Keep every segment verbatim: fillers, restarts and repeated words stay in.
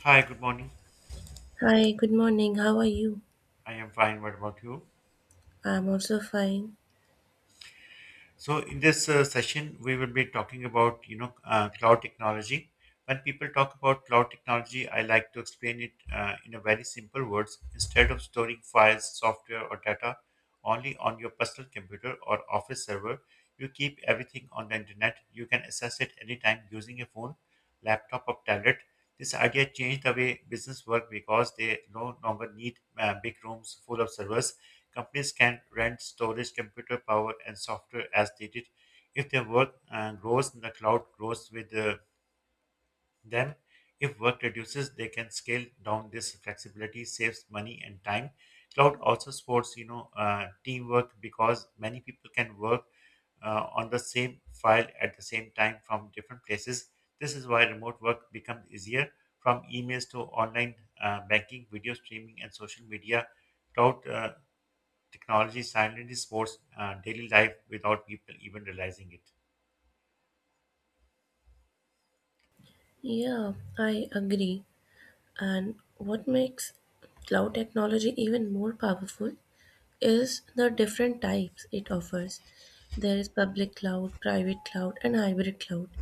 Hi, good morning. Hi, good morning. How are you? I am fine. What about you? I'm also fine. So, in this uh, session, we will be talking about you know uh, cloud technology. When people talk about cloud technology, I like to explain it uh, in a very simple words. Instead of storing files, software, or data only on your personal computer or office server, you keep everything on the internet. You can access it anytime using a phone, laptop, or tablet. This idea changed the way business work because they no longer need uh, big rooms full of servers. Companies can rent storage, computer power, and software as needed. If their work uh, grows, the cloud grows with uh, them. If work reduces, they can scale down. This flexibility saves money and time. Cloud also supports, you know, uh, teamwork because many people can work uh, on the same file at the same time from different places. This is why remote work becomes easier. From emails to online uh, banking, video streaming, and social media, cloud uh, technology silently supports uh, daily life without people even realizing it. Yeah, I agree. And what makes cloud technology even more powerful is the different types it offers. There is public cloud, private cloud, and hybrid cloud.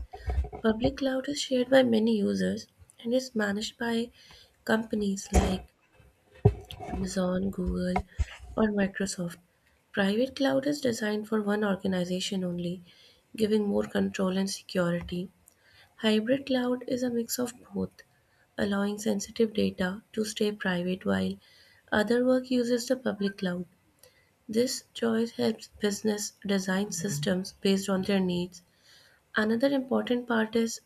Public cloud is shared by many users and is managed by companies like Amazon, Google, or Microsoft. Private cloud is designed for one organization only, giving more control and security. Hybrid cloud is a mix of both, allowing sensitive data to stay private while other work uses the public cloud. This choice helps business design systems based on their needs. Another important part is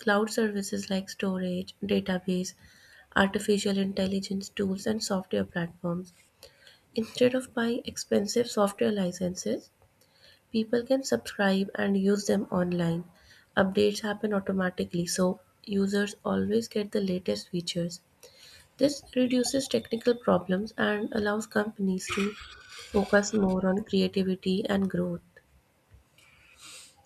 cloud services like storage, database, artificial intelligence tools, and software platforms. Instead of buying expensive software licenses, people can subscribe and use them online. Updates happen automatically, so users always get the latest features. This reduces technical problems and allows companies to focus more on creativity and growth.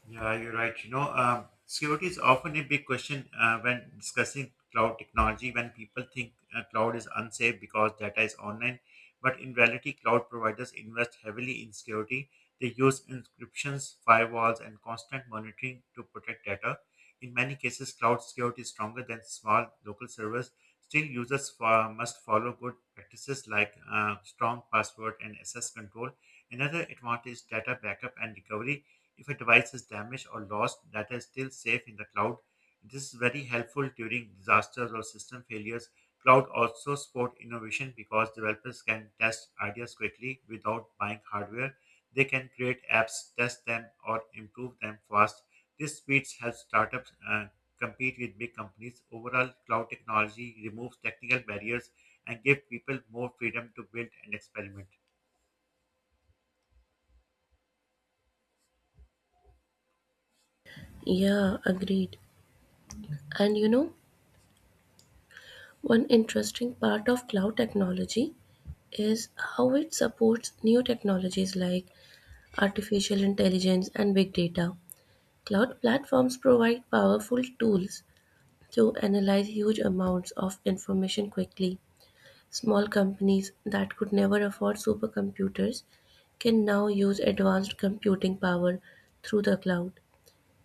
Yeah, you're right. You know, um, security is often a big question uh, when discussing cloud technology. When people think uh, cloud is unsafe because data is online, but in reality, cloud providers invest heavily in security. They use encryptions, firewalls, and constant monitoring to protect data. In many cases, cloud security is stronger than small local servers. Still, users fo- must follow good practices like uh, strong password and access control. Another advantage is data backup and recovery. If a device is damaged or lost, data is still safe in the cloud. This is very helpful during disasters or system failures. Cloud also support innovation because developers can test ideas quickly without buying hardware. They can create apps, test them, or improve them fast. This speed helps startups uh, compete with big companies. Overall, cloud technology removes technical barriers and gives people more freedom to build and experiment. Yeah, agreed. And you know, one interesting part of cloud technology is how it supports new technologies like artificial intelligence and big data. Cloud platforms provide powerful tools to analyze huge amounts of information quickly. Small companies that could never afford supercomputers can now use advanced computing power through the cloud.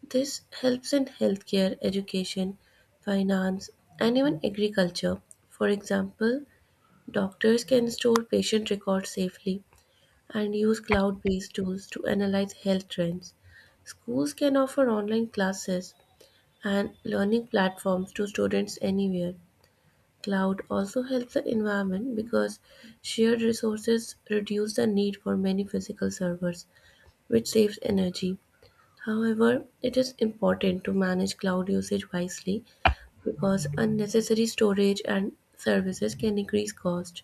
This helps in healthcare, education, finance, and even agriculture. For example, doctors can store patient records safely and use cloud based tools to analyze health trends. Schools can offer online classes and learning platforms to students anywhere. Cloud also helps the environment because shared resources reduce the need for many physical servers, which saves energy. However, it is important to manage cloud usage wisely because unnecessary storage and services can increase cost.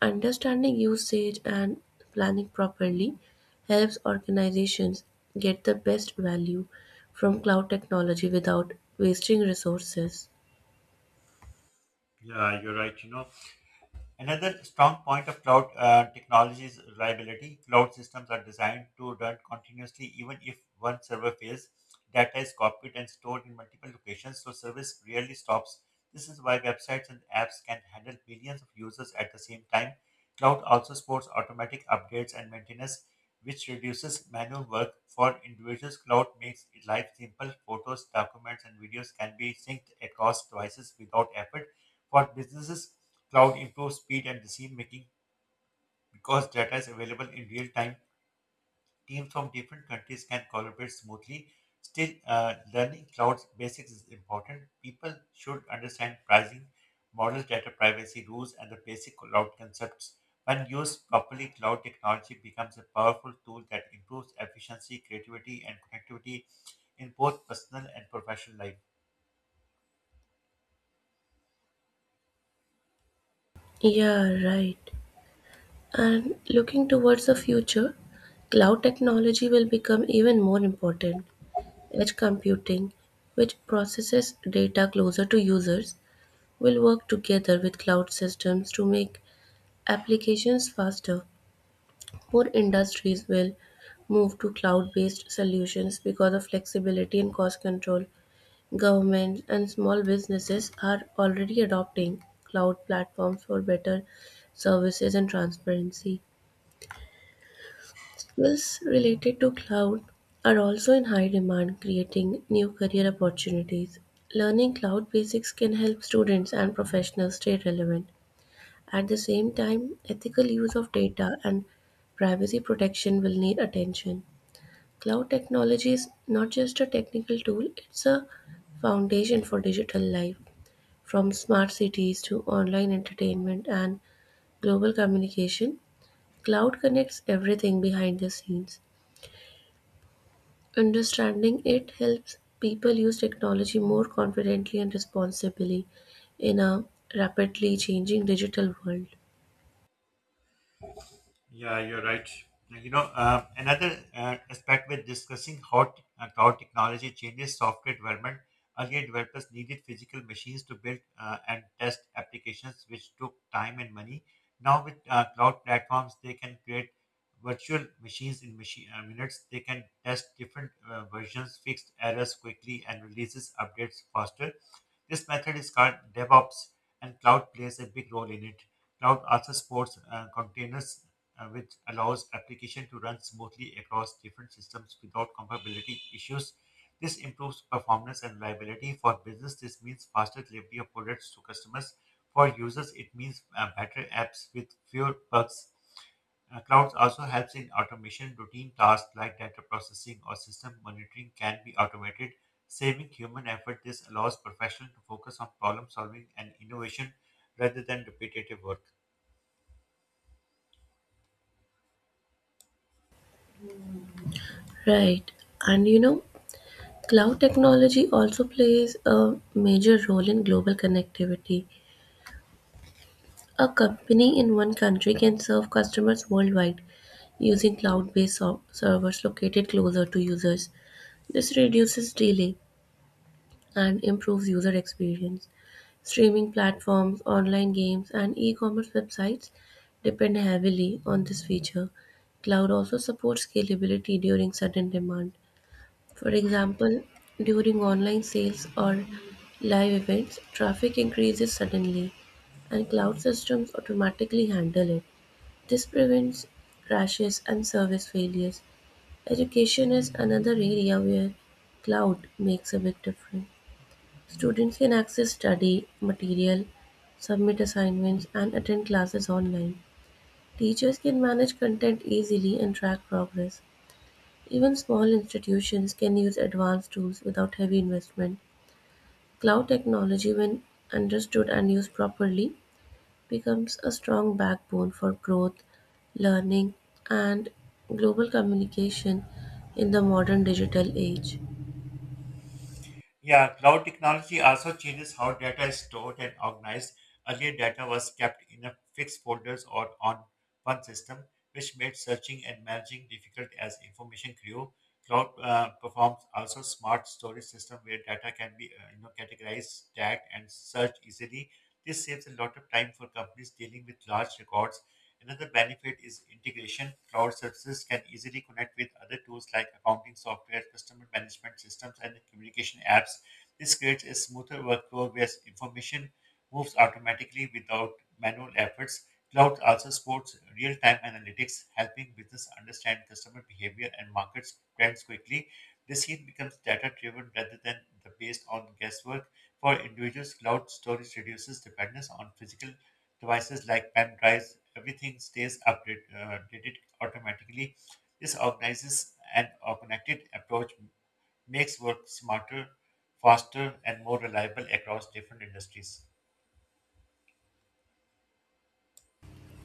Understanding usage and planning properly helps organizations get the best value from cloud technology without wasting resources. Yeah, you're right. You know, another strong point of cloud uh, technology is reliability. Cloud systems are designed to run continuously even if one server fails. Data is copied and stored in multiple locations, so service rarely stops. This is why websites and apps can handle billions of users at the same time. Cloud also supports automatic updates and maintenance, which reduces manual work for individuals. Cloud makes life simple. Photos, documents, and videos can be synced across devices without effort. For businesses, cloud improves speed and decision making because data is available in real time. Teams from different countries can collaborate smoothly. Still, uh, learning cloud basics is important. People should understand pricing, models, data privacy rules, and the basic cloud concepts. When used properly, cloud technology becomes a powerful tool that improves efficiency, creativity, and connectivity in both personal and professional life. Yeah, right. And looking towards the future, cloud technology will become even more important. Edge computing, which processes data closer to users, will work together with cloud systems to make applications faster. More industries will move to cloud based solutions because of flexibility and cost control. Governments and small businesses are already adopting cloud platforms for better services and transparency. Skills related to cloud are also in high demand, creating new career opportunities. Learning cloud basics can help students and professionals stay relevant. At the same time, ethical use of data and privacy protection will need attention. Cloud technology is not just a technical tool, it's a foundation for digital life. From smart cities to online entertainment and global communication, cloud connects everything behind the scenes. Understanding it helps people use technology more confidently and responsibly in a rapidly changing digital world. Yeah, you're right. You know, uh, another uh, aspect we're discussing how, t- uh, how technology changes software development. Earlier, developers needed physical machines to build uh, and test applications, which took time and money. Now, with uh, cloud platforms, they can create virtual machines in machine, uh, minutes. They can test different uh, versions, fix errors quickly, and releases updates faster. This method is called DevOps, and cloud plays a big role in it. Cloud also supports uh, containers uh, which allows application to run smoothly across different systems without compatibility issues. This improves performance and reliability for business. This means faster delivery of products to customers. For users, it means uh, better apps with fewer bugs. Uh, clouds also helps in automation. Routine tasks like data processing or system monitoring can be automated, saving human effort. This allows professionals to focus on problem solving and innovation rather than repetitive work. Right. And you know, cloud technology also plays a major role in global connectivity. A company in one country can serve customers worldwide using cloud based servers located closer to users. This reduces delay, and improves user experience. Streaming platforms, online games, and e commerce websites depend heavily on this feature. Cloud also supports scalability during sudden demand. For example, during online sales or live events, traffic increases suddenly, and cloud systems automatically handle it. This prevents crashes and service failures. Education is another area where cloud makes a big difference. Students can access study material, submit assignments, and attend classes online. Teachers can manage content easily and track progress. Even small institutions can use advanced tools without heavy investment. Cloud technology, when understood and used properly, becomes a strong backbone for growth, learning, and global communication in the modern digital age. Yeah, cloud technology also changes how data is stored and organized. Earlier, data was kept in a fixed folders or on one system, which made searching and managing difficult as information grew. Cloud uh, performs also smart storage system where data can be uh, you know categorized, tagged, and searched easily. This saves a lot of time for companies dealing with large records. Another benefit is integration. Cloud services can easily connect with other tools like accounting software, customer management systems, and communication apps. This creates a smoother workflow where information moves automatically without manual efforts. Cloud also supports real time analytics, helping business understand customer behavior and market trends quickly. Decision becomes data driven rather than the based on guesswork. For individuals, cloud storage reduces dependence on physical devices like pen drives, everything stays update- uh, updated automatically. This organizes and a connected approach makes work smarter, faster, and more reliable across different industries.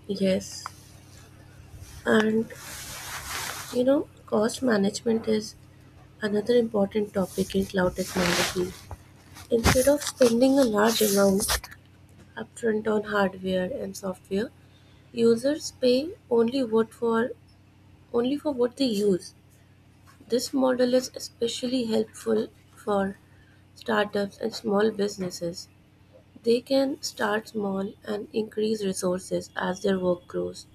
Yes, and you know, cost management is another important topic in cloud technology. Instead of spending a large amount upfront on hardware and software, users pay only what for only for what they use. This model is especially helpful for startups and small businesses. They can start small and increase resources as their work grows.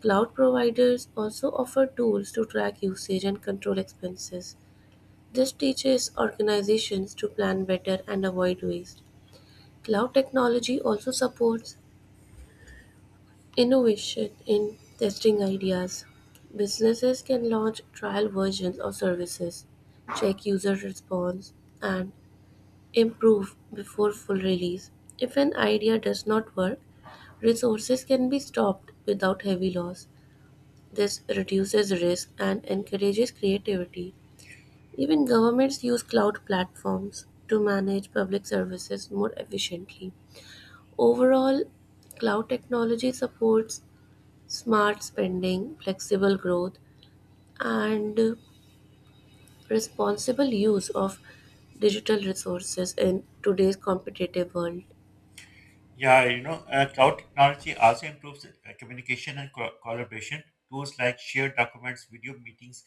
Cloud providers also offer tools to track usage and control expenses. This teaches organizations to plan better and avoid waste. Cloud technology also supports innovation in testing ideas. Businesses can launch trial versions of services, check user response, and improve before full release. If an idea does not work, resources can be stopped without heavy loss. This reduces risk and encourages creativity. Even governments use cloud platforms to manage public services more efficiently. Overall, cloud technology supports smart spending, flexible growth, and uh, responsible use of digital resources in today's competitive world. Yeah, you know, uh, cloud technology also improves uh, communication and co- collaboration. Tools like shared documents, video meetings,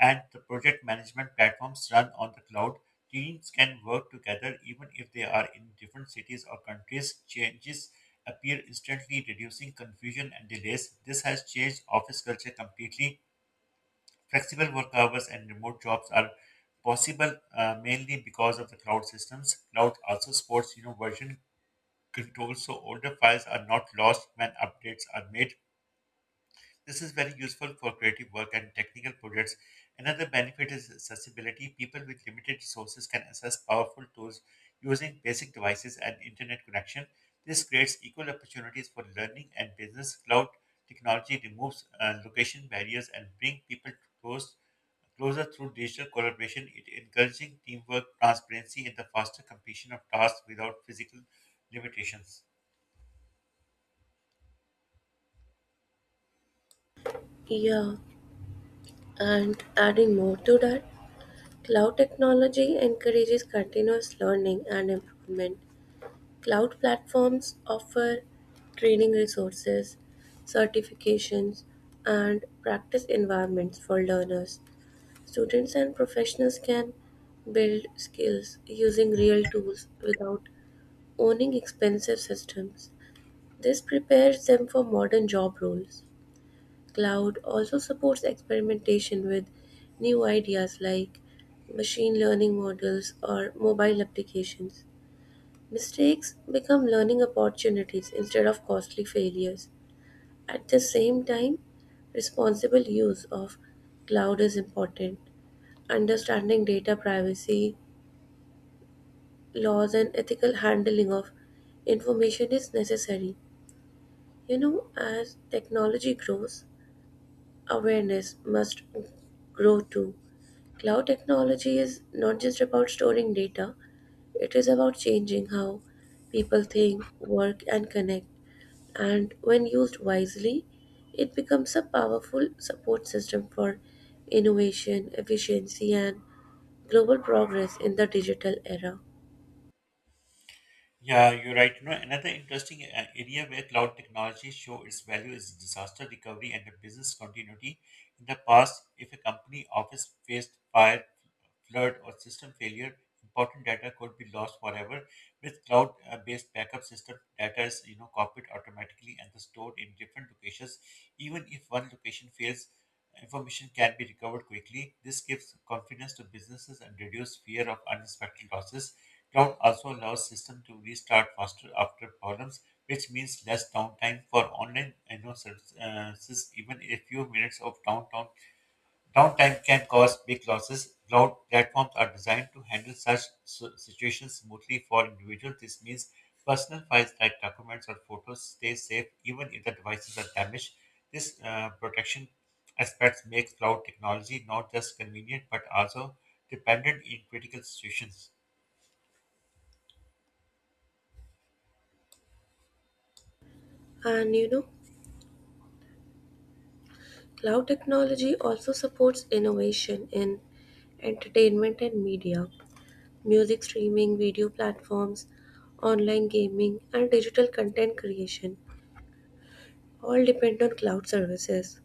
and the project management platforms run on the cloud. Teams can work together even if they are in different cities or countries. Changes appear instantly, reducing confusion and delays. This has changed office culture completely. Flexible work hours and remote jobs are possible uh, mainly because of the cloud systems. Cloud also supports, you know, version controls so older files are not lost when updates are made. This is very useful for creative work and technical projects. Another benefit is accessibility. People with limited resources can access powerful tools using basic devices and internet connection. This creates equal opportunities for learning and business. Cloud technology removes uh, location barriers and bring people close closer through digital collaboration, it encouraging teamwork, transparency, and the faster completion of tasks without physical limitations. Yeah, and adding more to that, cloud technology encourages continuous learning and improvement. Cloud platforms offer training resources, certifications, and practice environments for learners. Students and professionals can build skills using real tools without owning expensive systems. This prepares them for modern job roles. Cloud also supports experimentation with new ideas like machine learning models or mobile applications. Mistakes become learning opportunities instead of costly failures. At the same time, responsible use of cloud is important. Understanding data privacy laws and ethical handling of information is necessary. You know, as technology grows, awareness must grow too. Cloud technology is not just about storing data, it is about changing how people think, work, and connect. And when used wisely, it becomes a powerful support system for innovation, efficiency, and global progress in the digital era. Yeah, you're right. You know, another interesting uh, area where cloud technologies show its value is disaster recovery and the business continuity. In the past, if a company office faced fire, flood, or system failure, important data could be lost forever. With cloud-based backup system, data is you know copied automatically and stored in different locations. Even if one location fails, information can be recovered quickly. This gives confidence to businesses and reduce fear of unexpected losses. Cloud also allows system to restart faster after problems, which means less downtime for online you know, services. Even a few minutes of downtime downtime can cause big losses. Cloud platforms are designed to handle such s- situations smoothly for individuals. This means personal files like documents or photos stay safe even if the devices are damaged. This uh, protection aspects makes cloud technology not just convenient but also dependent in critical situations. And you know, cloud technology also supports innovation in entertainment and media, music streaming, video platforms, online gaming, and digital content creation all depend on cloud services.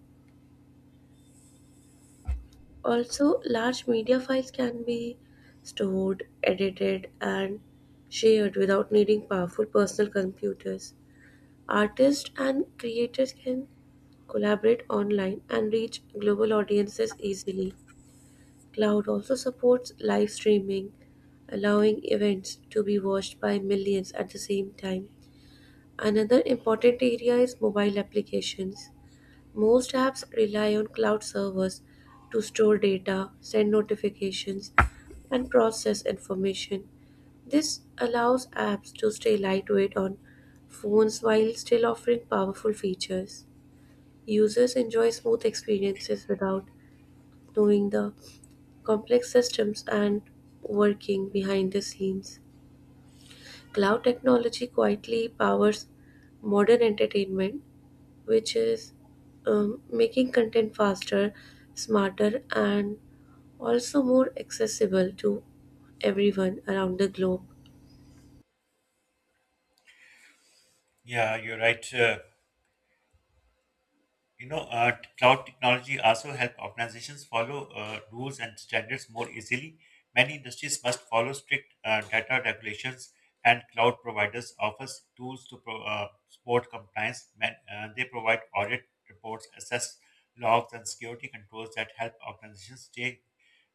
Also, large media files can be stored, edited, and shared without needing powerful personal computers. Artists and creators can collaborate online and reach global audiences easily. Cloud also supports live streaming, allowing events to be watched by millions at the same time. Another important area is mobile applications. Most apps rely on cloud servers to store data, send notifications, and process information. This allows apps to stay lightweight on phones while still offering powerful features. Users enjoy smooth experiences without knowing the complex systems and working behind the scenes. Cloud technology quietly powers modern entertainment, which is um, making content faster, smarter, and also more accessible to everyone around the globe. Yeah, you're right. Uh, You know, uh, Cloud technology also help organizations follow uh, rules and standards more easily. Many industries must follow strict uh, data regulations, and cloud providers offer tools to pro- uh, support compliance. Man- uh, they provide audit reports, assess logs, and security controls that help organizations stay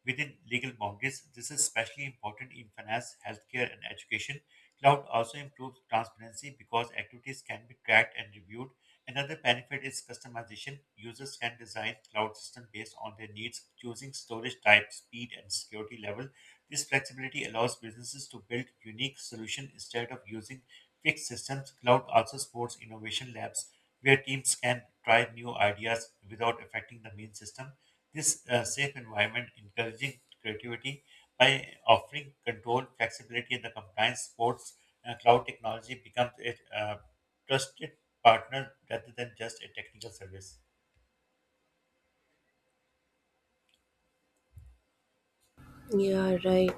within legal boundaries. This is especially important in finance, healthcare, and education. Cloud also improves transparency because activities can be tracked and reviewed. Another benefit is customization. Users can design cloud system based on their needs, choosing storage type, speed, and security level. This flexibility allows businesses to build unique solutions instead of using fixed systems. Cloud also supports innovation labs where teams can try new ideas without affecting the main system. This uh, safe environment encouraging creativity by offering control, flexibility, and the compliance supports uh, cloud technology becomes a Uh, trusted partner rather than just a technical service. Yeah, right.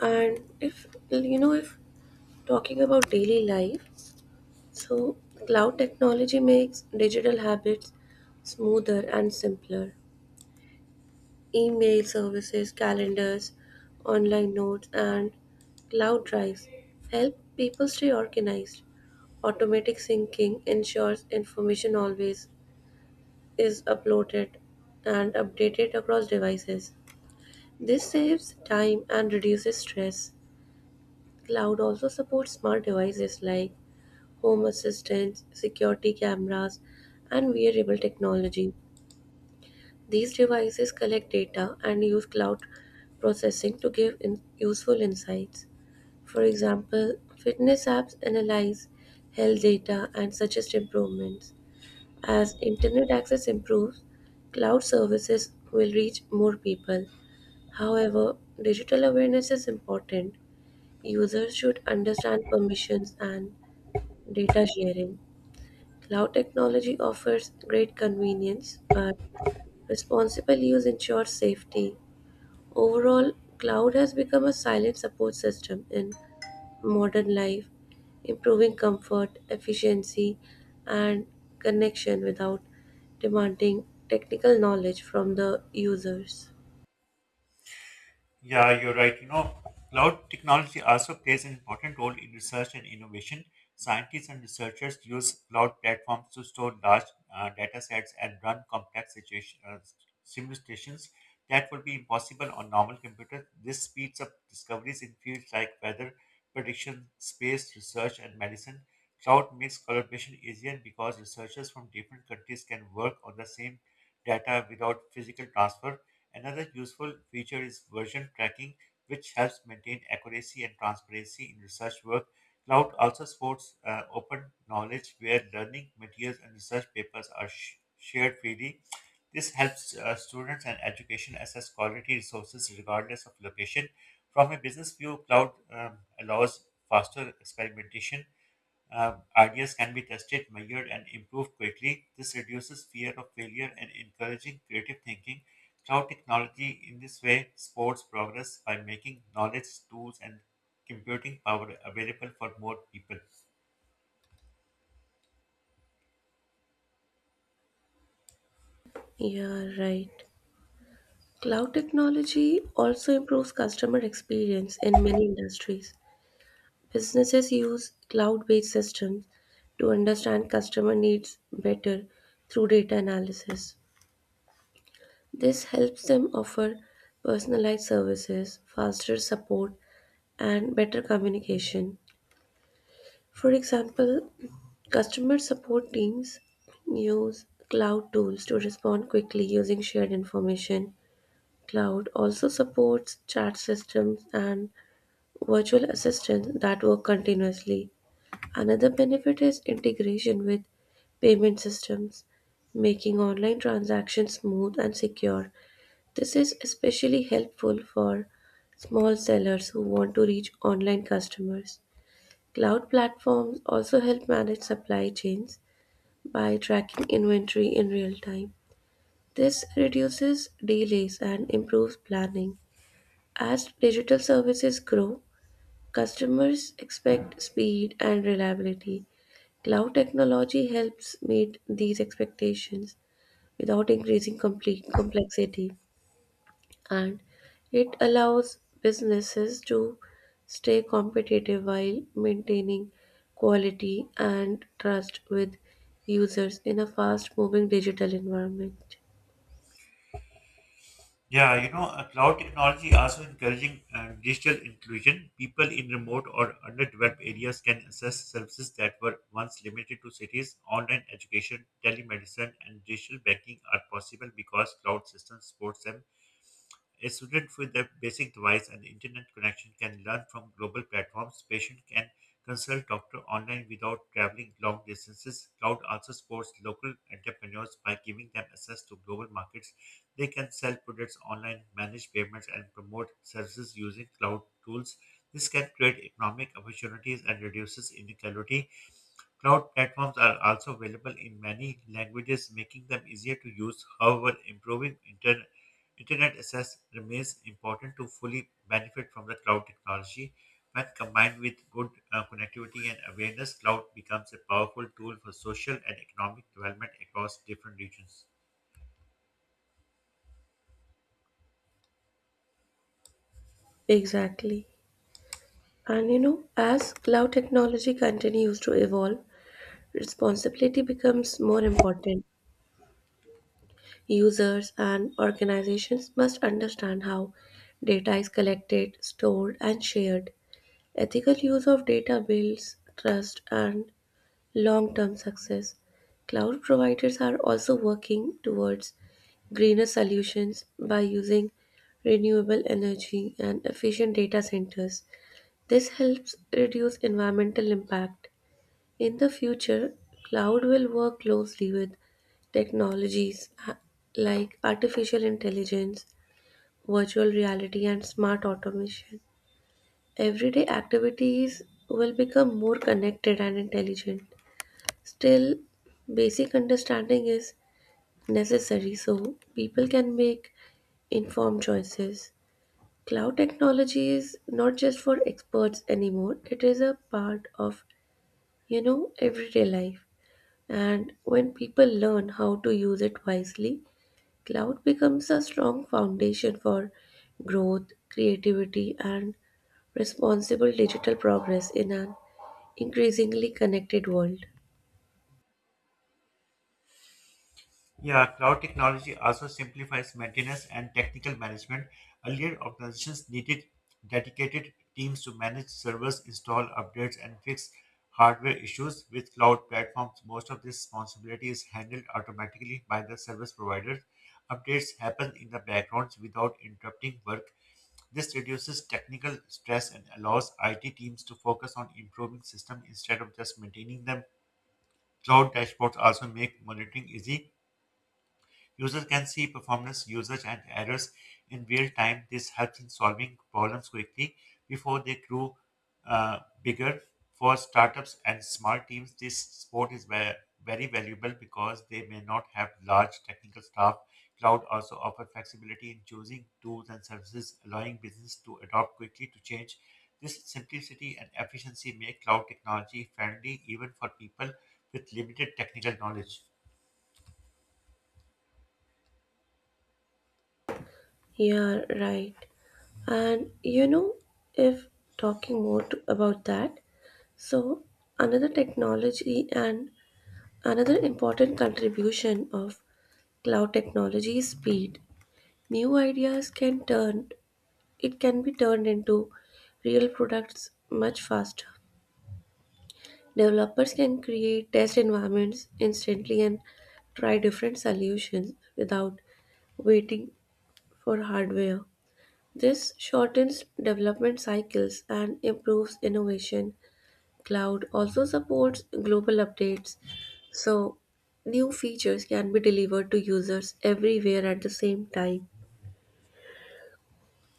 And if you know, if talking about daily life, so cloud technology makes digital habits smoother and simpler. Email services, calendars, online notes, and cloud drives help people stay organized. Automatic syncing ensures information always is uploaded and updated across devices. This saves time and reduces stress. Cloud also supports smart devices like home assistants, security cameras, and wearable technology. These devices collect data and use cloud processing to give in- useful insights. For example, fitness apps analyze health data and suggest improvements. As internet access improves, cloud services will reach more people. However, digital awareness is important. Users should understand permissions and data sharing. Cloud technology offers great convenience, but responsible use ensures safety. Overall, cloud has become a silent support system in modern life, improving comfort, efficiency, and connection without demanding technical knowledge from the users. Yeah, you're right. You know, cloud technology also plays an important role in research and innovation. Scientists and researchers use cloud platforms to store large uh, data sets and run complex situation, uh, simulations that would be impossible on normal computers. This speeds up discoveries in fields like weather prediction, space research, and medicine. Cloud makes collaboration easier because researchers from different countries can work on the same data without physical transfer. Another useful feature is version tracking, which helps maintain accuracy and transparency in research work. Cloud also supports uh, open knowledge where learning materials and research papers are sh- shared freely. This helps uh, students and education access quality resources regardless of location. From a business view, cloud um, allows faster experimentation. Uh, ideas can be tested, measured, and improved quickly. This reduces fear of failure and encouraging creative thinking. Cloud technology, in this way, supports progress by making knowledge, tools, and computing power available for more people. Yeah, right. Cloud technology also improves customer experience in many industries. Businesses use cloud based systems to understand customer needs better through data analysis. This helps them offer personalized services, faster support, and better communication. For example, customer support teams use cloud tools to respond quickly using shared information. Cloud also supports chat systems and virtual assistants that work continuously. Another benefit is integration with payment systems, making online transactions smooth and secure. This is especially helpful for small sellers who want to reach online customers. Cloud platforms also help manage supply chains by tracking inventory in real time. This reduces delays and improves planning. As digital services grow, customers expect speed and reliability. Cloud technology helps meet these expectations without increasing complete complexity. And it allows businesses to stay competitive while maintaining quality and trust with users in a fast moving digital environment. Yeah, you know, uh, cloud technology also encouraging uh, digital inclusion. People in remote or underdeveloped areas can access services that were once limited to cities. Online education, telemedicine, and digital banking are possible because cloud systems support them. A student with a basic device and internet connection can learn from global platforms. Patient can consult doctor online without traveling long distances. Cloud also supports local entrepreneurs by giving them access to global markets. They can sell products online, manage payments, and promote services using cloud tools. This can create economic opportunities and reduces inequality. Cloud platforms are also available in many languages, making them easier to use. However, improving inter- internet access remains important to fully benefit from the cloud technology. When combined with good uh, connectivity and awareness, cloud becomes a powerful tool for social and economic development across different regions. Exactly. And you know, as cloud technology continues to evolve, responsibility becomes more important. Users and organizations must understand how data is collected, stored, and shared. Ethical use of data builds trust and long-term success. Cloud providers are also working towards greener solutions by using renewable energy and efficient data centers. This helps reduce environmental impact. In the future, cloud will work closely with technologies ha- like artificial intelligence, virtual reality, and smart automation. Everyday activities will become more connected and intelligent. Still, basic understanding is necessary so people can make informed choices. Cloud technology is not just for experts anymore, it is a part of, you know, everyday life. And when people learn how to use it wisely, cloud becomes a strong foundation for growth, creativity, and responsible digital progress in an increasingly connected world. Yeah, cloud technology also simplifies maintenance and technical management. Earlier, organizations needed dedicated teams to manage servers, install updates, and fix hardware issues. With cloud platforms, most of this responsibility is handled automatically by the service providers. Updates happen in the background without interrupting work. This reduces technical stress and allows I T teams to focus on improving systems instead of just maintaining them. Cloud dashboards also make monitoring easy. Users can see performance, usage, and errors in real time. This helps in solving problems quickly before they grow uh, bigger. For startups and small teams, this support is ve- very valuable because they may not have large technical staff. Cloud also offers flexibility in choosing tools and services, allowing business to adapt quickly to change. This simplicity and efficiency make cloud technology friendly even for people with limited technical knowledge. Yeah, right. And you know, if talking more to, about that, so another technology and another important contribution of cloud technology is speed. New ideas can turn it can be turned into real products much faster. Developers can create test environments instantly and try different solutions without waiting for hardware. This shortens development cycles and improves innovation. Cloud also supports global updates, so new features can be delivered to users everywhere at the same time.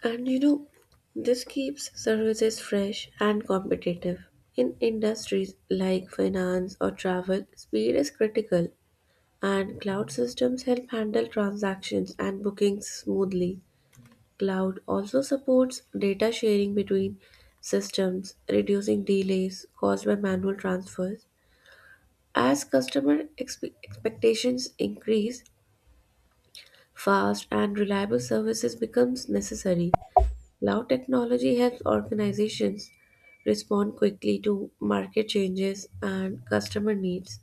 And you know, this keeps services fresh and competitive. In industries like finance or travel, speed is critical, and cloud systems help handle transactions and bookings smoothly. Cloud also supports data sharing between systems, reducing delays caused by manual transfers. As customer expe- expectations increase, fast and reliable services becomes necessary. Cloud technology helps organizations respond quickly to market changes and customer needs.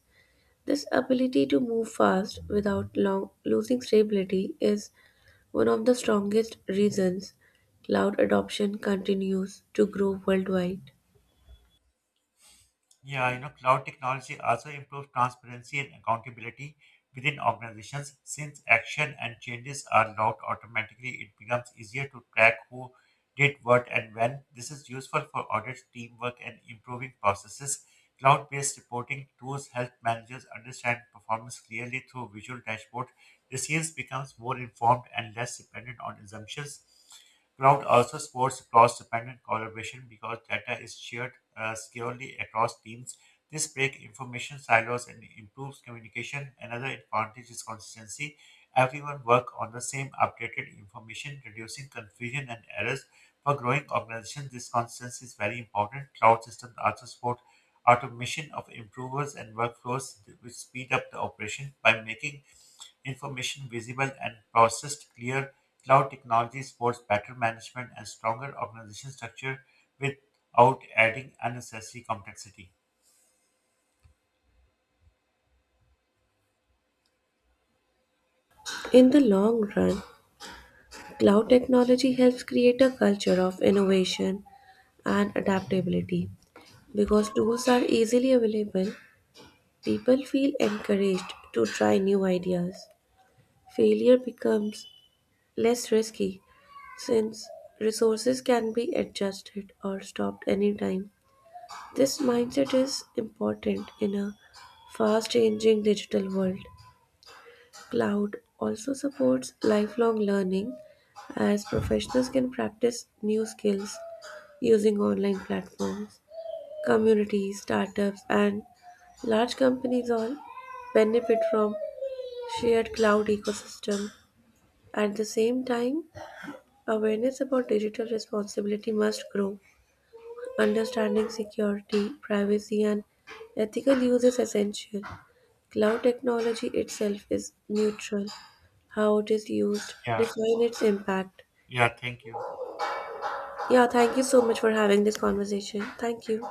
This ability to move fast without long losing stability is one of the strongest reasons cloud adoption continues to grow worldwide. Yeah, you know, cloud technology also improves transparency and accountability within organizations. Since action and changes are logged automatically, it becomes easier to track who did what and when. This is useful for audits, teamwork, and improving processes. Cloud based reporting tools help managers understand performance clearly through visual dashboard. Decisions sales becomes more informed and less dependent on assumptions. Cloud also supports cross-dependent collaboration because data is shared uh, securely across teams. This breaks information silos and improves communication. Another advantage is consistency. Everyone works on the same updated information, reducing confusion and errors. For growing organizations, this consistency is very important. Cloud systems also support automation of improvers and workflows, which speed up the operation by making information visible and processed clear. Cloud technology supports better management and stronger organization structure without adding unnecessary complexity. In the long run, cloud technology helps create a culture of innovation and adaptability. Because tools are easily available, people feel encouraged to try new ideas. Failure becomes less risky since resources can be adjusted or stopped anytime. This mindset is important in a fast changing digital world. Cloud also supports lifelong learning as professionals can practice new skills using online platforms. Communities, startups, and large companies all benefit from shared cloud ecosystem. At the same time, awareness about digital responsibility must grow. Understanding security, privacy, and ethical use is essential. Cloud technology itself is neutral. How it is used Yeah, define its impact. yeah, thank you. Yeah, thank you so much for having this conversation. Thank you.